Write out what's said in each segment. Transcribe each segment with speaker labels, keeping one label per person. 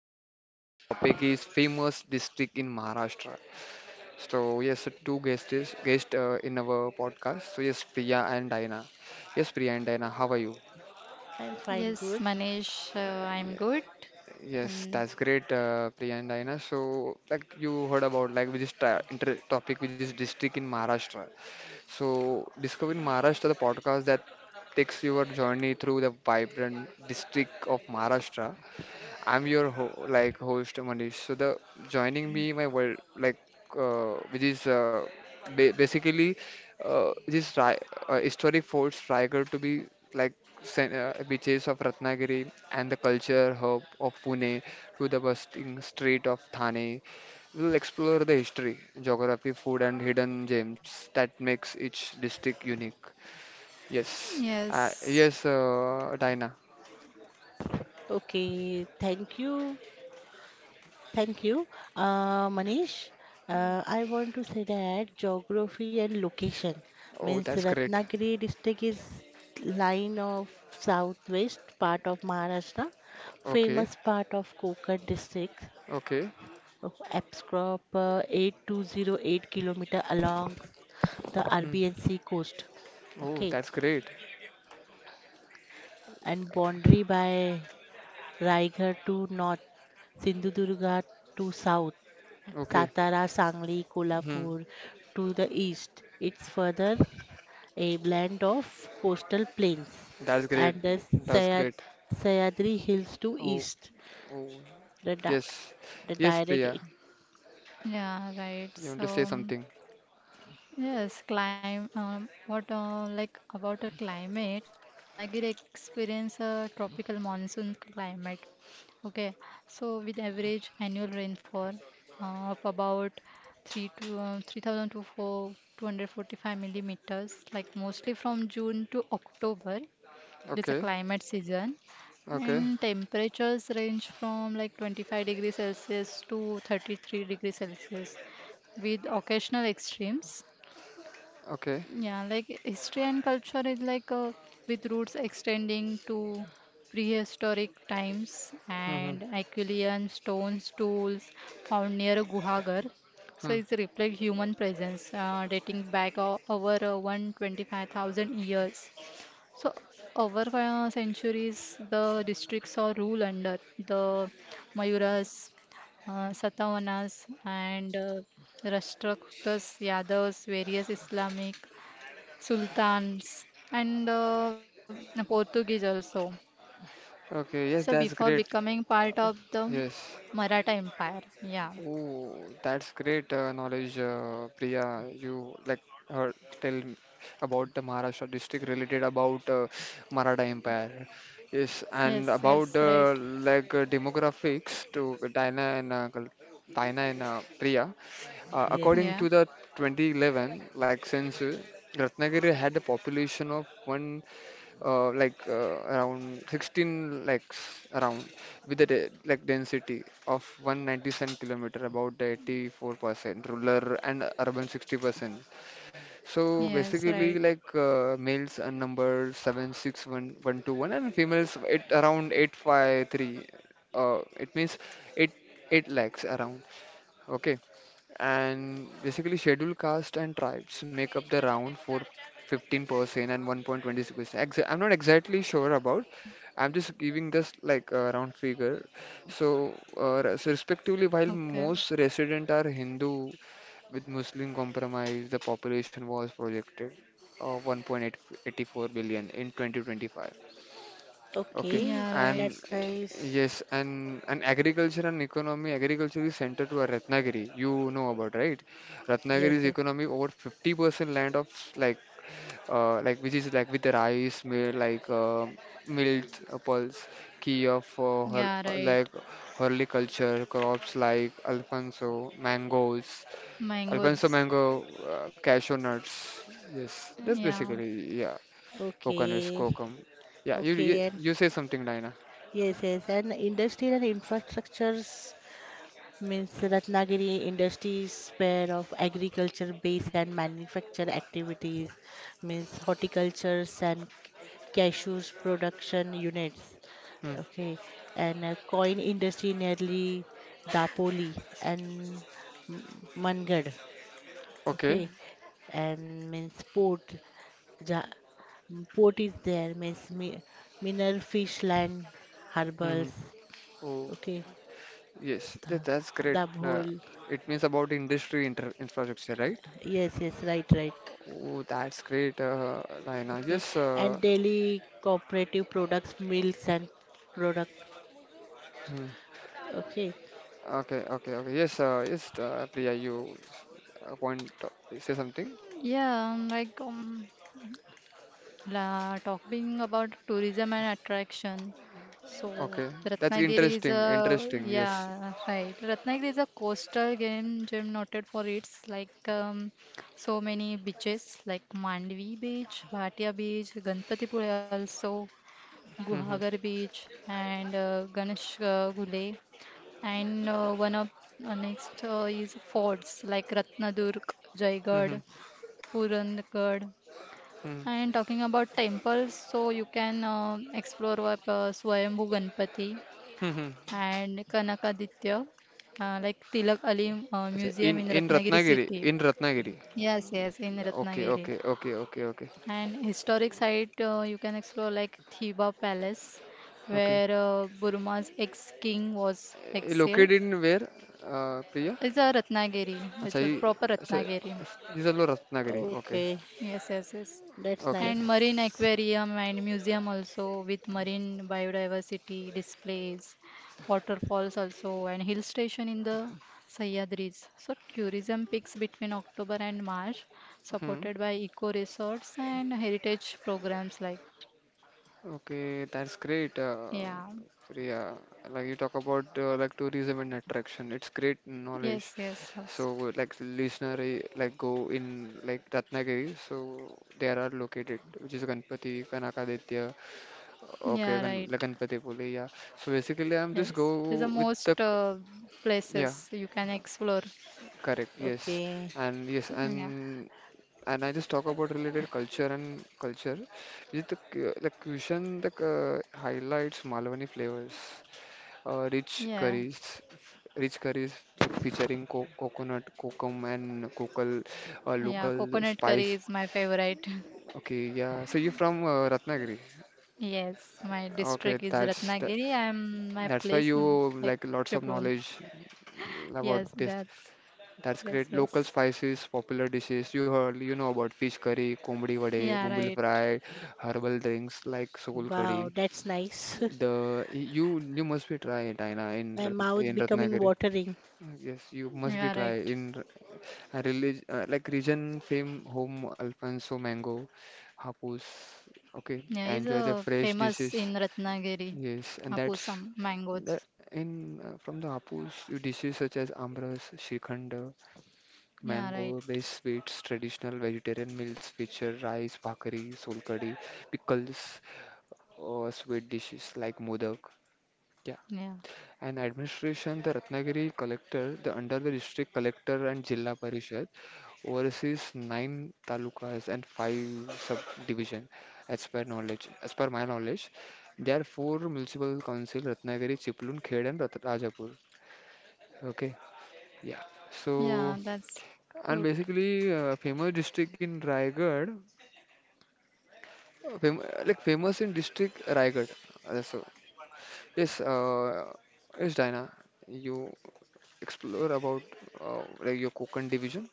Speaker 1: So, today our topic is famous district in Maharashtra. So, yes, so two guests guest in our podcast. So, yes, Priya and Diana. Yes, Priya and Diana, how are you?
Speaker 2: I'm fine,
Speaker 3: Yes,
Speaker 2: good.
Speaker 3: Manish, I'm good.
Speaker 1: Yes,
Speaker 3: And
Speaker 1: that's great, Priya and Diana. So, like you heard about, like which is topic, which is district in Maharashtra. So, discovering Maharashtra, the podcast that takes your journey through the vibrant district of Maharashtra. I'm your ho like host Manish. So the joining me my world like which is ba basically this ri historic forts Raigad to be like beaches of Ratnagiri and the culture hub of Pune to the bustling street of Thane. We'll explore the history, geography, food, and hidden gems that makes each district unique. Yes,
Speaker 3: yes,
Speaker 1: yes, Diana.
Speaker 2: Okay, thank you. Thank you, Manish. I want to say that geography and location
Speaker 1: Oh,
Speaker 2: means
Speaker 1: that's great.
Speaker 2: Ratnagiri district is line of southwest part of Maharashtra,
Speaker 1: Okay,
Speaker 2: famous part of Konkan district,
Speaker 1: okay.
Speaker 2: of approx 8,208 kilometer along the
Speaker 1: Hmm.
Speaker 2: Rbnc coast.
Speaker 1: Oh,
Speaker 2: Okay,
Speaker 1: that's great.
Speaker 2: and boundary by Raigad to north, Sindhudurga to south,
Speaker 1: Okay.
Speaker 2: Satara, Sangli,
Speaker 1: Hmm.
Speaker 2: Kolhapur to the east. It's further a blend of coastal plains
Speaker 1: That's great.
Speaker 2: and the
Speaker 1: That's
Speaker 2: Sayad-
Speaker 1: great.
Speaker 2: Sayadri hills to
Speaker 1: Oh,
Speaker 2: east.
Speaker 1: oh.
Speaker 2: The, di-
Speaker 1: Yes.
Speaker 2: the
Speaker 1: Yes,
Speaker 2: direct,
Speaker 1: Priya.
Speaker 2: in-
Speaker 3: yeah, right.
Speaker 1: You want to say
Speaker 3: So,
Speaker 1: something?
Speaker 3: yes, climb. What like about the climate? So, Ratnagiri experience a tropical monsoon climate. Okay, so with average annual rainfall of about 3,000 to 4,245 millimeters, like mostly from June to October. It's a
Speaker 1: Okay.
Speaker 3: climate season,
Speaker 1: Okay.
Speaker 3: and temperatures range from like 25 degrees Celsius to 33 degrees Celsius with occasional extremes.
Speaker 1: Okay.
Speaker 3: Yeah, like history and culture is like with roots extending to prehistoric times
Speaker 1: Hmm, hmm,
Speaker 3: and Aquilian stones tools found near Guhagar. So
Speaker 1: hmm.
Speaker 3: it's reflect human presence dating back over 125,000 years. So over centuries, the districts are ruled under the Mayuras, Satavahanas, and Rashtrakutas, Yadavas, various Islamic sultans, and Portuguese also. So
Speaker 1: Okay. Yes,
Speaker 3: before
Speaker 1: that's great.
Speaker 3: becoming part of the
Speaker 1: Yes.
Speaker 3: Maratha Empire, yeah,
Speaker 1: Oh, that's great knowledge, Priya. You like uh, tell about the Maharashtra district related about Maratha Empire. Yes,
Speaker 3: yes,
Speaker 1: and
Speaker 3: yes,
Speaker 1: about
Speaker 3: right,
Speaker 1: like demographics to Diana and Priya.
Speaker 2: Yes.
Speaker 1: According
Speaker 3: yeah,
Speaker 1: to the 2011 like census, Ratnagiri had a population of one like around 16 lakhs around with a de like density of 197-kilometer about 84% rural and urban 60%. So
Speaker 3: yes,
Speaker 1: basically
Speaker 3: right,
Speaker 1: like males are number 761,121 and females it around 853. It means 8 8 lakhs around. Okay, and basically scheduled caste and tribes make up the round for 15% and 1.26%. I'm not exactly sure about. I'm just giving this like a round figure. So, so respectively, while
Speaker 3: okay,
Speaker 1: most resident are Hindu with Muslim compromise, the population was projected of 1.884 billion in 2025. Okay,
Speaker 2: Okay,
Speaker 3: yeah, right,
Speaker 1: and
Speaker 2: that's nice.
Speaker 1: yes, and agriculture and economy. Agriculture is centered to our Ratnagiri. You know about, right?
Speaker 2: Yes,
Speaker 1: Ratnagiri's
Speaker 2: yes.
Speaker 1: economy over 50% land of like like which is like with the rice mill like milk key of hor
Speaker 3: yeah, right,
Speaker 1: like horticulture crops like Alfonso mangoes,
Speaker 3: mangoes,
Speaker 1: Alfonso mango, cashew nuts. Yes, that's
Speaker 3: yeah.
Speaker 1: basically, yeah. Coconuts,
Speaker 2: Okay,
Speaker 1: cocum. Yeah, you you
Speaker 2: okay, and
Speaker 1: you say something, Dina.
Speaker 2: yes, yes, and industrial and infrastructures means Ratnagiri industries span of agriculture base and manufacture activities means horticultures and cashews production units.
Speaker 1: Hmm.
Speaker 2: Okay. And coin industry nearly Dapoli and Mangad. Okay.
Speaker 1: Okay.
Speaker 2: And means port ja, port is there means mineral fish land
Speaker 1: Hmm.
Speaker 2: harbors.
Speaker 1: Oh,
Speaker 2: Okay.
Speaker 1: yes. That's
Speaker 2: the,
Speaker 1: great.
Speaker 2: the whole
Speaker 1: It means about industry inter infrastructure, right?
Speaker 2: Yes, yes, right, right.
Speaker 1: Oh, that's great, Diana.
Speaker 2: Okay.
Speaker 1: Yes.
Speaker 2: And daily cooperative products, milks and product.
Speaker 1: Hmm.
Speaker 2: Okay.
Speaker 1: Okay. Okay. Okay. Yes. Yes. Priya, you point say something.
Speaker 3: Yeah, like talking about tourism and attraction. So
Speaker 1: Okay. That's
Speaker 3: Ratnagiri is a
Speaker 1: interesting. Interesting. Yes.
Speaker 3: yeah, right. Ratnagiri is a coastal game gem noted for its like so many beaches like Mandvi Beach, Bhatia Beach, Ganpatipure also,
Speaker 1: Hmm.
Speaker 3: Guhagar Beach, and Ganesh Gule. And one of next is forts like Ratnadurg,
Speaker 1: Hmm. Hmm.
Speaker 3: Jaigarh, Purangarh,
Speaker 1: Hmm.
Speaker 3: and talking about temples, so you can explore what, Swayambhu Ganpati
Speaker 1: Hmm.
Speaker 3: and Kanakaditya, like Tilak Ali
Speaker 1: अच्छा,
Speaker 3: Museum
Speaker 1: in
Speaker 3: in
Speaker 1: in
Speaker 3: Ratnagiri
Speaker 1: Ratnagiri,
Speaker 3: city.
Speaker 1: in Ratnagiri.
Speaker 3: Yes, yes, in
Speaker 1: Okay,
Speaker 3: Ratnagiri.
Speaker 1: okay, okay, okay, okay,
Speaker 3: And historic site you can explore like Thiba Palace,
Speaker 1: okay.
Speaker 3: where Burma's ex-king was
Speaker 1: Eh,
Speaker 3: exiled.
Speaker 1: located in where, Priya?
Speaker 3: It's a Ratnagiri.
Speaker 1: अच्छा.
Speaker 3: It's a
Speaker 1: ये.
Speaker 3: proper
Speaker 1: अच्छा.
Speaker 3: Ratnagiri.
Speaker 1: He's a Ratnagiri. Okay.
Speaker 2: Okay.
Speaker 3: Yes, yes, yes.
Speaker 2: That's
Speaker 1: Okay.
Speaker 3: And marine
Speaker 2: nice.
Speaker 3: aquarium and museum also with marine biodiversity displays, waterfalls also, and hill station in the Sahyadris. So tourism peaks between October and March,
Speaker 1: Hmm.
Speaker 3: supported by eco resorts and heritage programs like
Speaker 1: Okay, that's great.
Speaker 3: yeah.
Speaker 1: Priya, like you talk about like tourism and attraction. It's great knowledge.
Speaker 3: Yes, yes,
Speaker 1: So
Speaker 3: yes.
Speaker 1: like listener, like go in like Ratnagiri. So there are located which is Ganpati, Kanakaditya. Okay,
Speaker 3: Yeah, right.
Speaker 1: Ganpati Pule. Yeah. So basically, I'm just go
Speaker 3: Yes. There's the
Speaker 1: with the
Speaker 3: most
Speaker 1: yeah.
Speaker 3: places you can explore.
Speaker 1: Correct, yes.
Speaker 2: Okay.
Speaker 1: And yes,
Speaker 3: Mm, yeah.
Speaker 1: and I just talk about related culture and culture. Is the cuisine that highlights Malwani flavors, uh, rich
Speaker 3: Yeah.
Speaker 1: curries, rich curries featuring co coconut, kokum, and cocal,
Speaker 3: Yeah.
Speaker 1: local
Speaker 3: Coconut
Speaker 1: spice.
Speaker 3: curry is my favorite.
Speaker 1: Okay, yeah. So you're from Ratnagiri.
Speaker 3: Yes, my
Speaker 1: Okay,
Speaker 3: district is
Speaker 1: that's that.
Speaker 3: Ratnagiri I'm my
Speaker 1: That's why
Speaker 3: place
Speaker 1: you
Speaker 3: like
Speaker 1: like lots of
Speaker 3: Chibrun.
Speaker 1: knowledge about
Speaker 3: Yes,
Speaker 1: this.
Speaker 3: that's
Speaker 1: That's
Speaker 3: yes,
Speaker 1: great.
Speaker 3: yes.
Speaker 1: Local spices, popular dishes. You heard, you know about fish curry, kombdi vade,
Speaker 3: Yeah,
Speaker 1: bumbil
Speaker 3: right.
Speaker 1: fry, herbal drinks like soul
Speaker 2: Wow,
Speaker 1: curry.
Speaker 2: that's nice.
Speaker 1: The you must be try it, Aina, in
Speaker 2: My mouth becoming
Speaker 1: Ratnagiri.
Speaker 2: watering.
Speaker 1: Yes, you must be
Speaker 3: Yeah,
Speaker 1: try
Speaker 3: right.
Speaker 1: in a relig like region fame home Alfonso mango, hapus. Okay,
Speaker 3: Yeah, is
Speaker 1: enjoy the fresh
Speaker 3: famous
Speaker 1: dishes.
Speaker 3: in Ratnagiri.
Speaker 1: Yes, and that's
Speaker 3: Hapusam
Speaker 1: that
Speaker 3: mangoes.
Speaker 1: in from the hapus, you dishes such as amras, shrikhand.
Speaker 3: Yeah, right.
Speaker 1: Mango-based sweets, traditional vegetarian meals feature rice, bhakri, solkadi, pickles, or sweet dishes like modak. Yeah.
Speaker 3: Yeah.
Speaker 1: And administration, the Ratnagiri collector, the under the district collector and Jilla Parishad, oversees nine talukas and five subdivision. As per knowledge, as per my knowledge, there are four municipal council: Ratnagiri, Chiplun, Khed, and Rajapur. Okay. Yeah. So.
Speaker 3: Yeah, that's
Speaker 1: And
Speaker 3: good.
Speaker 1: basically, famous district in Raigad, fam like famous in district Raigad. So yes, yes, Diana, you explore about like your Konkan division,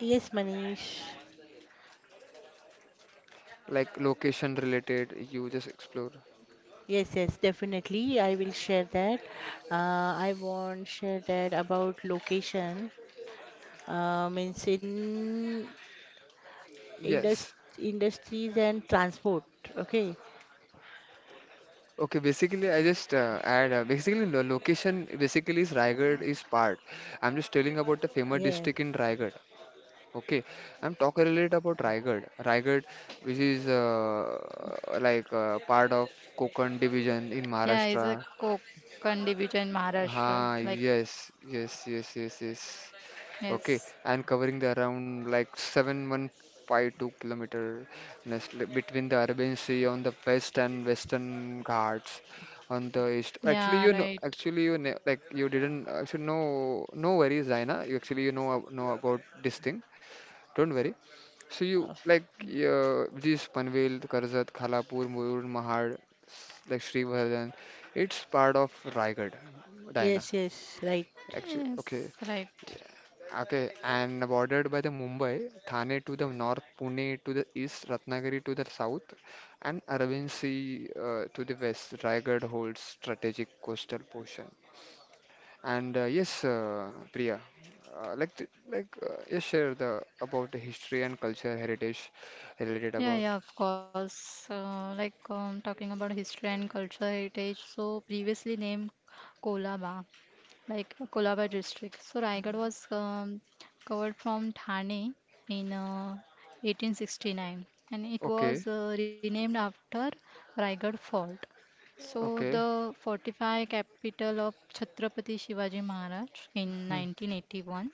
Speaker 2: Yes, Manish.
Speaker 1: like location related. You just explore.
Speaker 2: Yes, yes, definitely. I will share that. Uh, I want share that about location. Means in indust
Speaker 1: Yes.
Speaker 2: industries and transport. Okay.
Speaker 1: Okay, basically I just add basically lo location basically is Raigad is part. I'm just telling about the famous
Speaker 2: Yeah.
Speaker 1: district in Raigad. Okay, I'm talking a little about Raigad. Raigad, which is like part of Konkan division in
Speaker 3: Yeah, it's a
Speaker 1: Maharashtra.
Speaker 3: Konkan division in Maharashtra.
Speaker 1: Ah,
Speaker 3: Like
Speaker 1: yes, yes, yes, yes, yes. Okay,
Speaker 3: yes.
Speaker 1: and covering the around like 7,152 kilometer between the Arabian Sea on the west and Western Ghats on the east.
Speaker 3: Yeah,
Speaker 1: Actually, you
Speaker 3: right.
Speaker 1: know, actually, you know, like you didn't actually know, no worries, Zaina. You actually, you know, know about this thing. Don't worry. So you like this Panvel, Karzat, Khalapur, Murud, Mahad, like Srivardhan. It's part of Raigad, Dina,
Speaker 2: Yes, yes, right.
Speaker 1: actually.
Speaker 3: Yes,
Speaker 1: Okay,
Speaker 3: right.
Speaker 1: okay, and bordered by the Mumbai, Thane to the north, Pune to the east, Ratnagiri to the south, and Aravalli to the west. Raigad holds strategic coastal portion. And yes, Priya, yes, share the about the history and cultural heritage related
Speaker 3: Yeah,
Speaker 1: about.
Speaker 3: yeah, of course. Like talking about history and culture heritage, so previously named Kolaba, like Kolaba district. So Raigad was covered from Thane in 1869 and it
Speaker 1: Okay,
Speaker 3: was renamed after Raigad Fort. So
Speaker 1: okay,
Speaker 3: the fortified capital of Chhatrapati Shivaji Maharaj in
Speaker 1: hmm,
Speaker 3: 1981.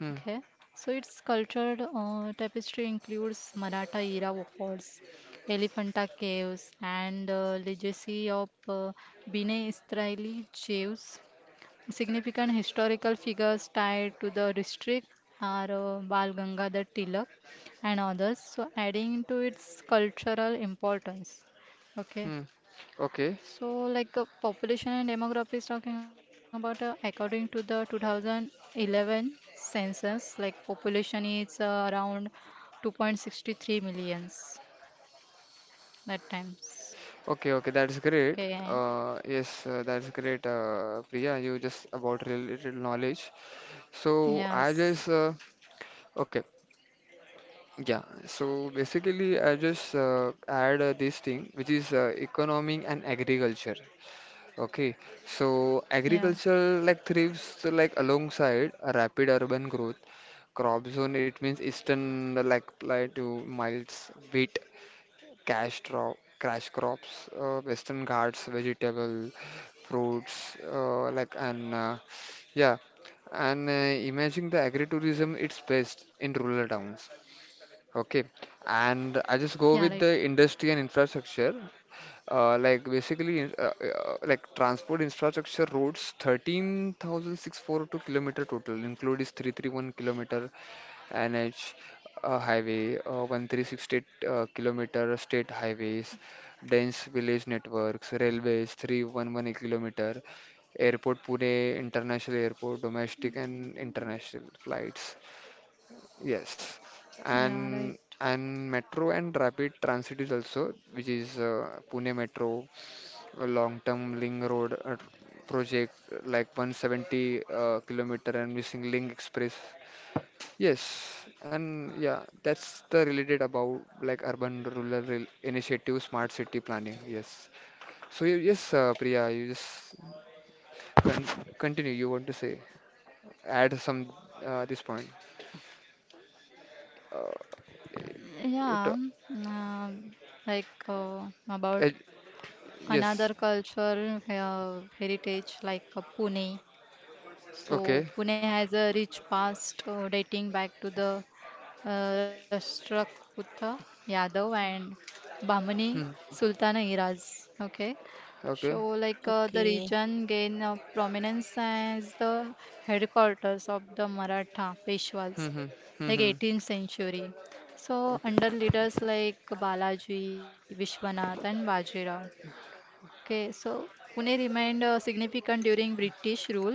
Speaker 1: hmm,
Speaker 3: Okay, so its cultured tapestry includes Maratha era forts, Elephanta caves, and legacy of Bine Israeli Jews. Significant historical figures tied to the district are Bal Gangadhar Tilak and others, so adding to its cultural importance. Okay,
Speaker 1: hmm. Okay,
Speaker 3: so, like population and demography is talking about, according to the 2011 census, like population is around 2.63 millions that times.
Speaker 1: okay, okay. That's great.
Speaker 3: Okay.
Speaker 1: Yes, that's great, Priya. You just about related knowledge. So I
Speaker 3: Yes.
Speaker 1: just okay, yeah. So basically, I just add this thing, which is economic and agriculture. Okay, so
Speaker 3: Yeah.
Speaker 1: agriculture like thrives like alongside a rapid urban growth. Crop zone it means eastern like to miles wheat, cash crops, western ghats, vegetable, fruits, like and yeah, and imagine the agritourism it's best in rural towns. Okay,
Speaker 3: Yeah. Right.
Speaker 1: and I just go with the industry and infrastructure. Like basically, like transport infrastructure roads, 13,642 kilometer total, include is 331-kilometer NH highway, 1,368 kilometer state highways, dense village networks, railways 311-kilometer, airport Pune International Airport, domestic and international flights. Yes,
Speaker 3: Yeah.
Speaker 1: and
Speaker 3: Right.
Speaker 1: and metro and rapid transit is also, which is Pune Metro, a long-term link road project like 170 kilometer and missing link express. Yes, and yeah, that's the related about like urban rural initiative, smart city planning. Yes. So yes, Priya, you just con continue. You want to say add some this point. Uh, it, uh,
Speaker 3: Yeah. um, like about
Speaker 1: ed-
Speaker 3: another
Speaker 1: yes.
Speaker 3: cultural heritage like Pune. So
Speaker 1: Okay.
Speaker 3: Pune has a rich past dating back to the Rashtrakuta Yadav and Bahmani
Speaker 1: Hmm.
Speaker 3: Sultana eras. Okay,
Speaker 1: Okay.
Speaker 3: so like the
Speaker 2: Okay,
Speaker 3: region gained prominence as the headquarters of the Maratha
Speaker 1: Hmm.
Speaker 3: Peshwas,
Speaker 1: Hmm. Hmm.
Speaker 3: like
Speaker 1: Hmm.
Speaker 3: 18th century. So
Speaker 1: Okay.
Speaker 3: under leaders like Balaji, Vishwanath, and Bajirao. Okay, so Pune remained significant during British rule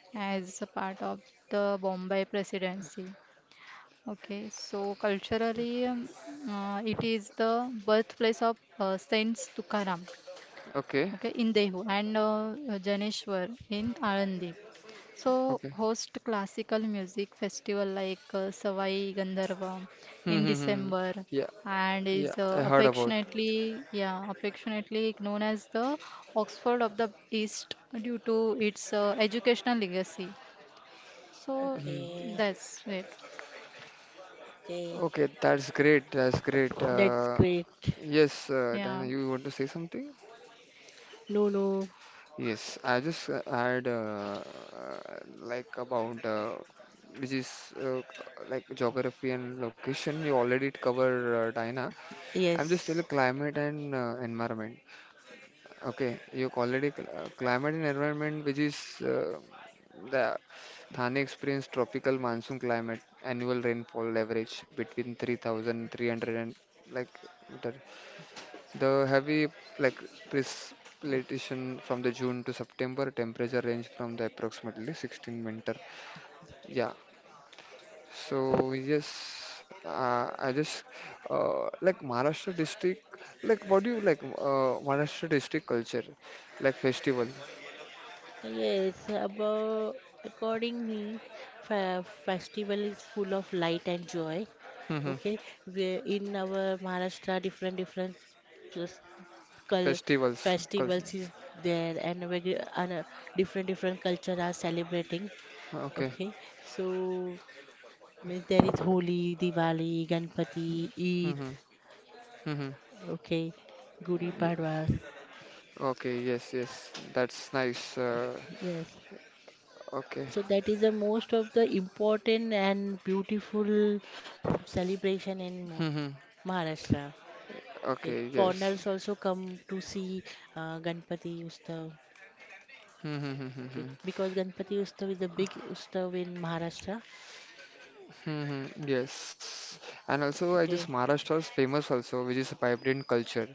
Speaker 3: as a part of the Bombay Presidency. Okay, so culturally, it is the birthplace of Saint Tukaram,
Speaker 1: Okay.
Speaker 3: okay, in Dehu and Janeshwar in Alandi. So
Speaker 1: Okay.
Speaker 3: host classical music festival like Savai Gandharva
Speaker 1: Hmm.
Speaker 3: in
Speaker 1: Hmm. Hmm.
Speaker 3: December
Speaker 1: Yeah.
Speaker 3: and is
Speaker 1: Yeah. I heard about.
Speaker 3: affectionately, yeah, affectionately known as the Oxford of the East due to its educational legacy. So
Speaker 1: Hmm.
Speaker 2: okay,
Speaker 3: that's it.
Speaker 2: okay.
Speaker 1: Okay. That's great. That's great.
Speaker 2: That's great.
Speaker 1: Yes,
Speaker 3: Yeah.
Speaker 1: Diana, you want to say something?
Speaker 2: No, no.
Speaker 1: Yes. I just had uh, like about which is like geography and location. You already covered, Diana. I'm just
Speaker 2: Yes,
Speaker 1: still climate and environment. Okay, you already climate and environment, which is the Thane experience tropical monsoon climate, annual rainfall average between 3,300 and like meter. The heavy like precipitation from the June to September, temperature range from the approximately 16 winter. Yeah. So yes, I just like Maharashtra district. Like, what do you like? Maharashtra district culture, like festival.
Speaker 2: yes. About according me, fa festival is full of light and joy.
Speaker 1: Mm-hmm.
Speaker 2: Okay, we in our Maharashtra, different different s- cul
Speaker 1: Festivals, culture.
Speaker 2: festivals is there, and we, and different different culture are celebrating.
Speaker 1: Okay.
Speaker 2: Okay, so means there is Holi, Diwali, Ganpati, Eid,
Speaker 1: Mm-hmm. Mm-hmm.
Speaker 2: okay, Gudi
Speaker 1: Yeah.
Speaker 2: Padwa.
Speaker 1: Okay. Yes. Yes. That's nice.
Speaker 2: Yes.
Speaker 1: Okay.
Speaker 2: So that is the most of the important and beautiful celebration in
Speaker 1: Mm-hmm.
Speaker 2: Maharashtra. Okay.
Speaker 1: Okay. Yes.
Speaker 2: Foreigners also come to see Ganpati Ustav.
Speaker 1: Mm-hmm, mm-hmm,
Speaker 2: Okay.
Speaker 1: mm-hmm.
Speaker 2: Because Ganpati Ustav is a big Ustav in Maharashtra.
Speaker 1: Hmm, yes. And also, I
Speaker 2: Okay.
Speaker 1: just Maharashtra is famous also, which is a vibrant culture,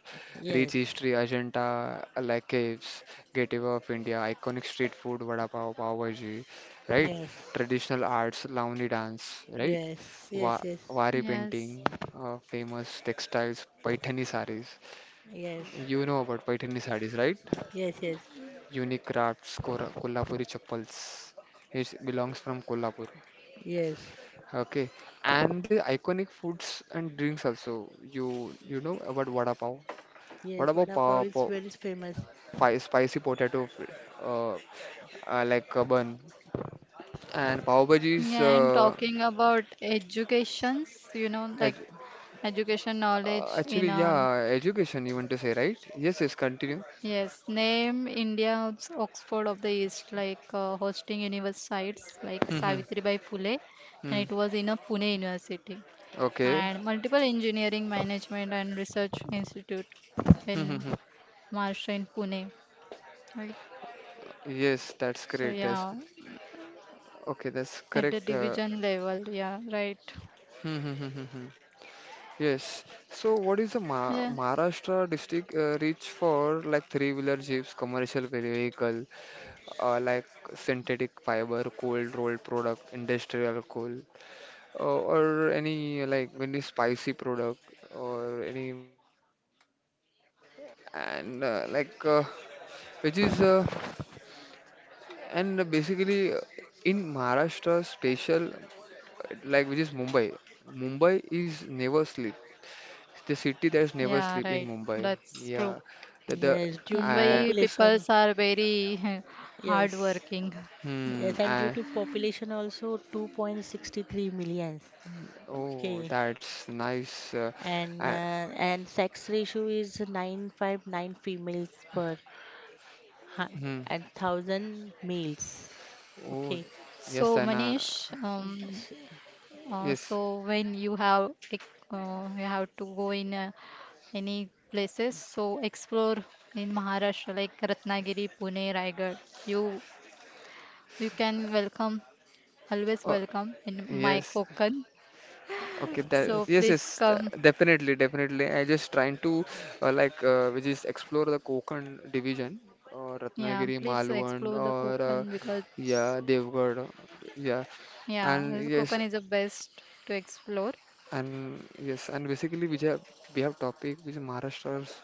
Speaker 1: rich
Speaker 2: Yes.
Speaker 1: history, Ajanta, like caves, Gateway of India, iconic street food, vada pav, pav bhaji, right?
Speaker 2: Yes.
Speaker 1: Traditional arts, Lavani dance, right?
Speaker 2: Yes.
Speaker 1: Wa
Speaker 2: Yes. Yes.
Speaker 1: Wari painting,
Speaker 3: Yes.
Speaker 1: famous textiles, Paithani sarees.
Speaker 2: Yes.
Speaker 1: You know about Paithani sarees, right?
Speaker 2: Yes. Yes.
Speaker 1: Unique crafts, Kolhapuri chappals. It belongs from Kolhapur.
Speaker 2: Yes.
Speaker 1: Okay, and the iconic foods and drinks also. You know about vada pav? Vada
Speaker 2: Yes,
Speaker 1: pav,
Speaker 2: vada pav is very famous.
Speaker 1: spicy potato, uh, like a bun, and pav bhaji is
Speaker 3: Yeah, and talking about educations, like
Speaker 1: edu
Speaker 3: education knowledge in
Speaker 1: actually, yeah, education you want to say, right? Yes, yes, continue.
Speaker 3: yes, name India's Oxford of the East, like hosting universe sites like
Speaker 1: Mm-hmm.
Speaker 3: Savitribai Phule, and
Speaker 1: Mm.
Speaker 3: it was in a Pune University,
Speaker 1: Okay.
Speaker 3: and multiple engineering management and research institute in
Speaker 1: Mm-hmm.
Speaker 3: Maharashtra in Pune. Right.
Speaker 1: Yes, that's
Speaker 3: So
Speaker 1: great. That's
Speaker 3: yeah,
Speaker 1: okay. That's
Speaker 3: at the
Speaker 1: correct.
Speaker 3: division level, yeah, right.
Speaker 1: Yes. So, what is the Ma
Speaker 3: Yeah,
Speaker 1: Maharashtra district reach for like three-wheeler jeeps, commercial vehicle, like synthetic fiber, cold rolled product, industrial coal, or any like any spicy product, or any or any and like which is and basically in Maharashtra special like which is Mumbai. Mumbai is never sleep. The city that's never
Speaker 3: yeah,
Speaker 1: sleep in
Speaker 3: right.
Speaker 1: Mumbai.
Speaker 3: That's true.
Speaker 1: Yeah. The
Speaker 2: Yes, due to
Speaker 1: I.
Speaker 3: Mumbai
Speaker 2: population.
Speaker 3: peoples are very
Speaker 2: Yes.
Speaker 3: hardworking.
Speaker 1: Hmm.
Speaker 2: Yes, and due
Speaker 1: I.
Speaker 2: to population also 2.63 million.
Speaker 1: Oh,
Speaker 2: Okay.
Speaker 1: that's nice.
Speaker 2: And uh,
Speaker 1: I.
Speaker 2: and sex ratio is 959 females per hu-
Speaker 1: Hmm.
Speaker 2: and 1000 males.
Speaker 1: Oh,
Speaker 2: Okay.
Speaker 1: yes,
Speaker 3: So
Speaker 1: Anna.
Speaker 3: Manish,
Speaker 2: S-
Speaker 3: So
Speaker 1: Yes.
Speaker 3: when you have you have to go in any places, so explore in Maharashtra like Ratnagiri, Pune, Raigad. You you can welcome always
Speaker 1: Oh,
Speaker 3: welcome in my
Speaker 1: yes.
Speaker 3: Konkan.
Speaker 1: Okay, that.
Speaker 2: Yes.
Speaker 3: So
Speaker 1: Yes, yes,
Speaker 3: please come,
Speaker 1: definitely, definitely I just trying to like we just explore the Konkan division or
Speaker 3: yeah,
Speaker 1: Ratnagiri
Speaker 3: please explore
Speaker 1: Malwan
Speaker 3: the
Speaker 1: or
Speaker 3: Konkan because
Speaker 1: yeah, Devgarh, yeah,
Speaker 3: yeah, this
Speaker 1: and
Speaker 3: Konkan
Speaker 1: yes.
Speaker 3: is the best to explore.
Speaker 1: And yes, and basically we have topic which is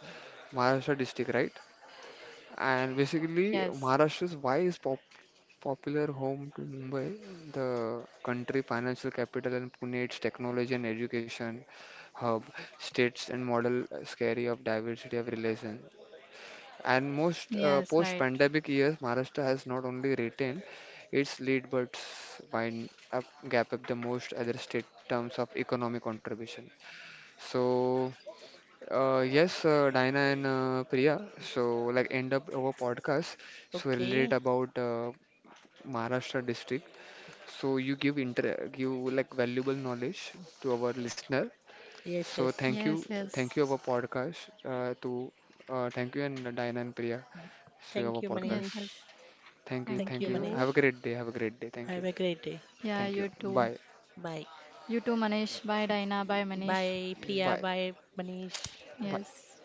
Speaker 1: Maharashtra district, right? And basically
Speaker 3: Yes,
Speaker 1: Maharashtra's why is popular home to Mumbai, the country financial capital and Pune its technology and education hub, states and model scary of diversity of relation. And most
Speaker 3: yes, right.
Speaker 1: post-pandemic years, Maharashtra has not only retained its lead but wind up gap up the most other state terms of economic contribution. So, yes, Diana and Priya, so like end up our podcast. So relate
Speaker 2: Okay.
Speaker 1: about Maharashtra district. So you give inter give like valuable knowledge to our listener.
Speaker 2: Yes,
Speaker 1: So
Speaker 2: yes.
Speaker 3: Yes,
Speaker 1: thank you
Speaker 3: yes,
Speaker 1: our podcast, to, thank you and Diana and Priya. So
Speaker 2: Thank
Speaker 1: our
Speaker 2: you,
Speaker 1: podcast.
Speaker 3: yes, yes.
Speaker 2: Manish.
Speaker 1: Thank you,
Speaker 3: Thank
Speaker 2: Thank
Speaker 1: thank
Speaker 2: you,
Speaker 1: you.
Speaker 3: you.
Speaker 1: Have a
Speaker 2: Manish.
Speaker 1: great day. Have a great day. Thank you,
Speaker 2: Have a great day.
Speaker 3: Yeah,
Speaker 1: thank
Speaker 3: you
Speaker 1: you.
Speaker 3: too.
Speaker 1: Bye,
Speaker 2: Bye.
Speaker 3: You too, Manish. Bye, Dina. Bye, Manish.
Speaker 2: Bye,
Speaker 1: bye,
Speaker 2: Priya. Bye, Manish.
Speaker 1: bye.
Speaker 3: Yes.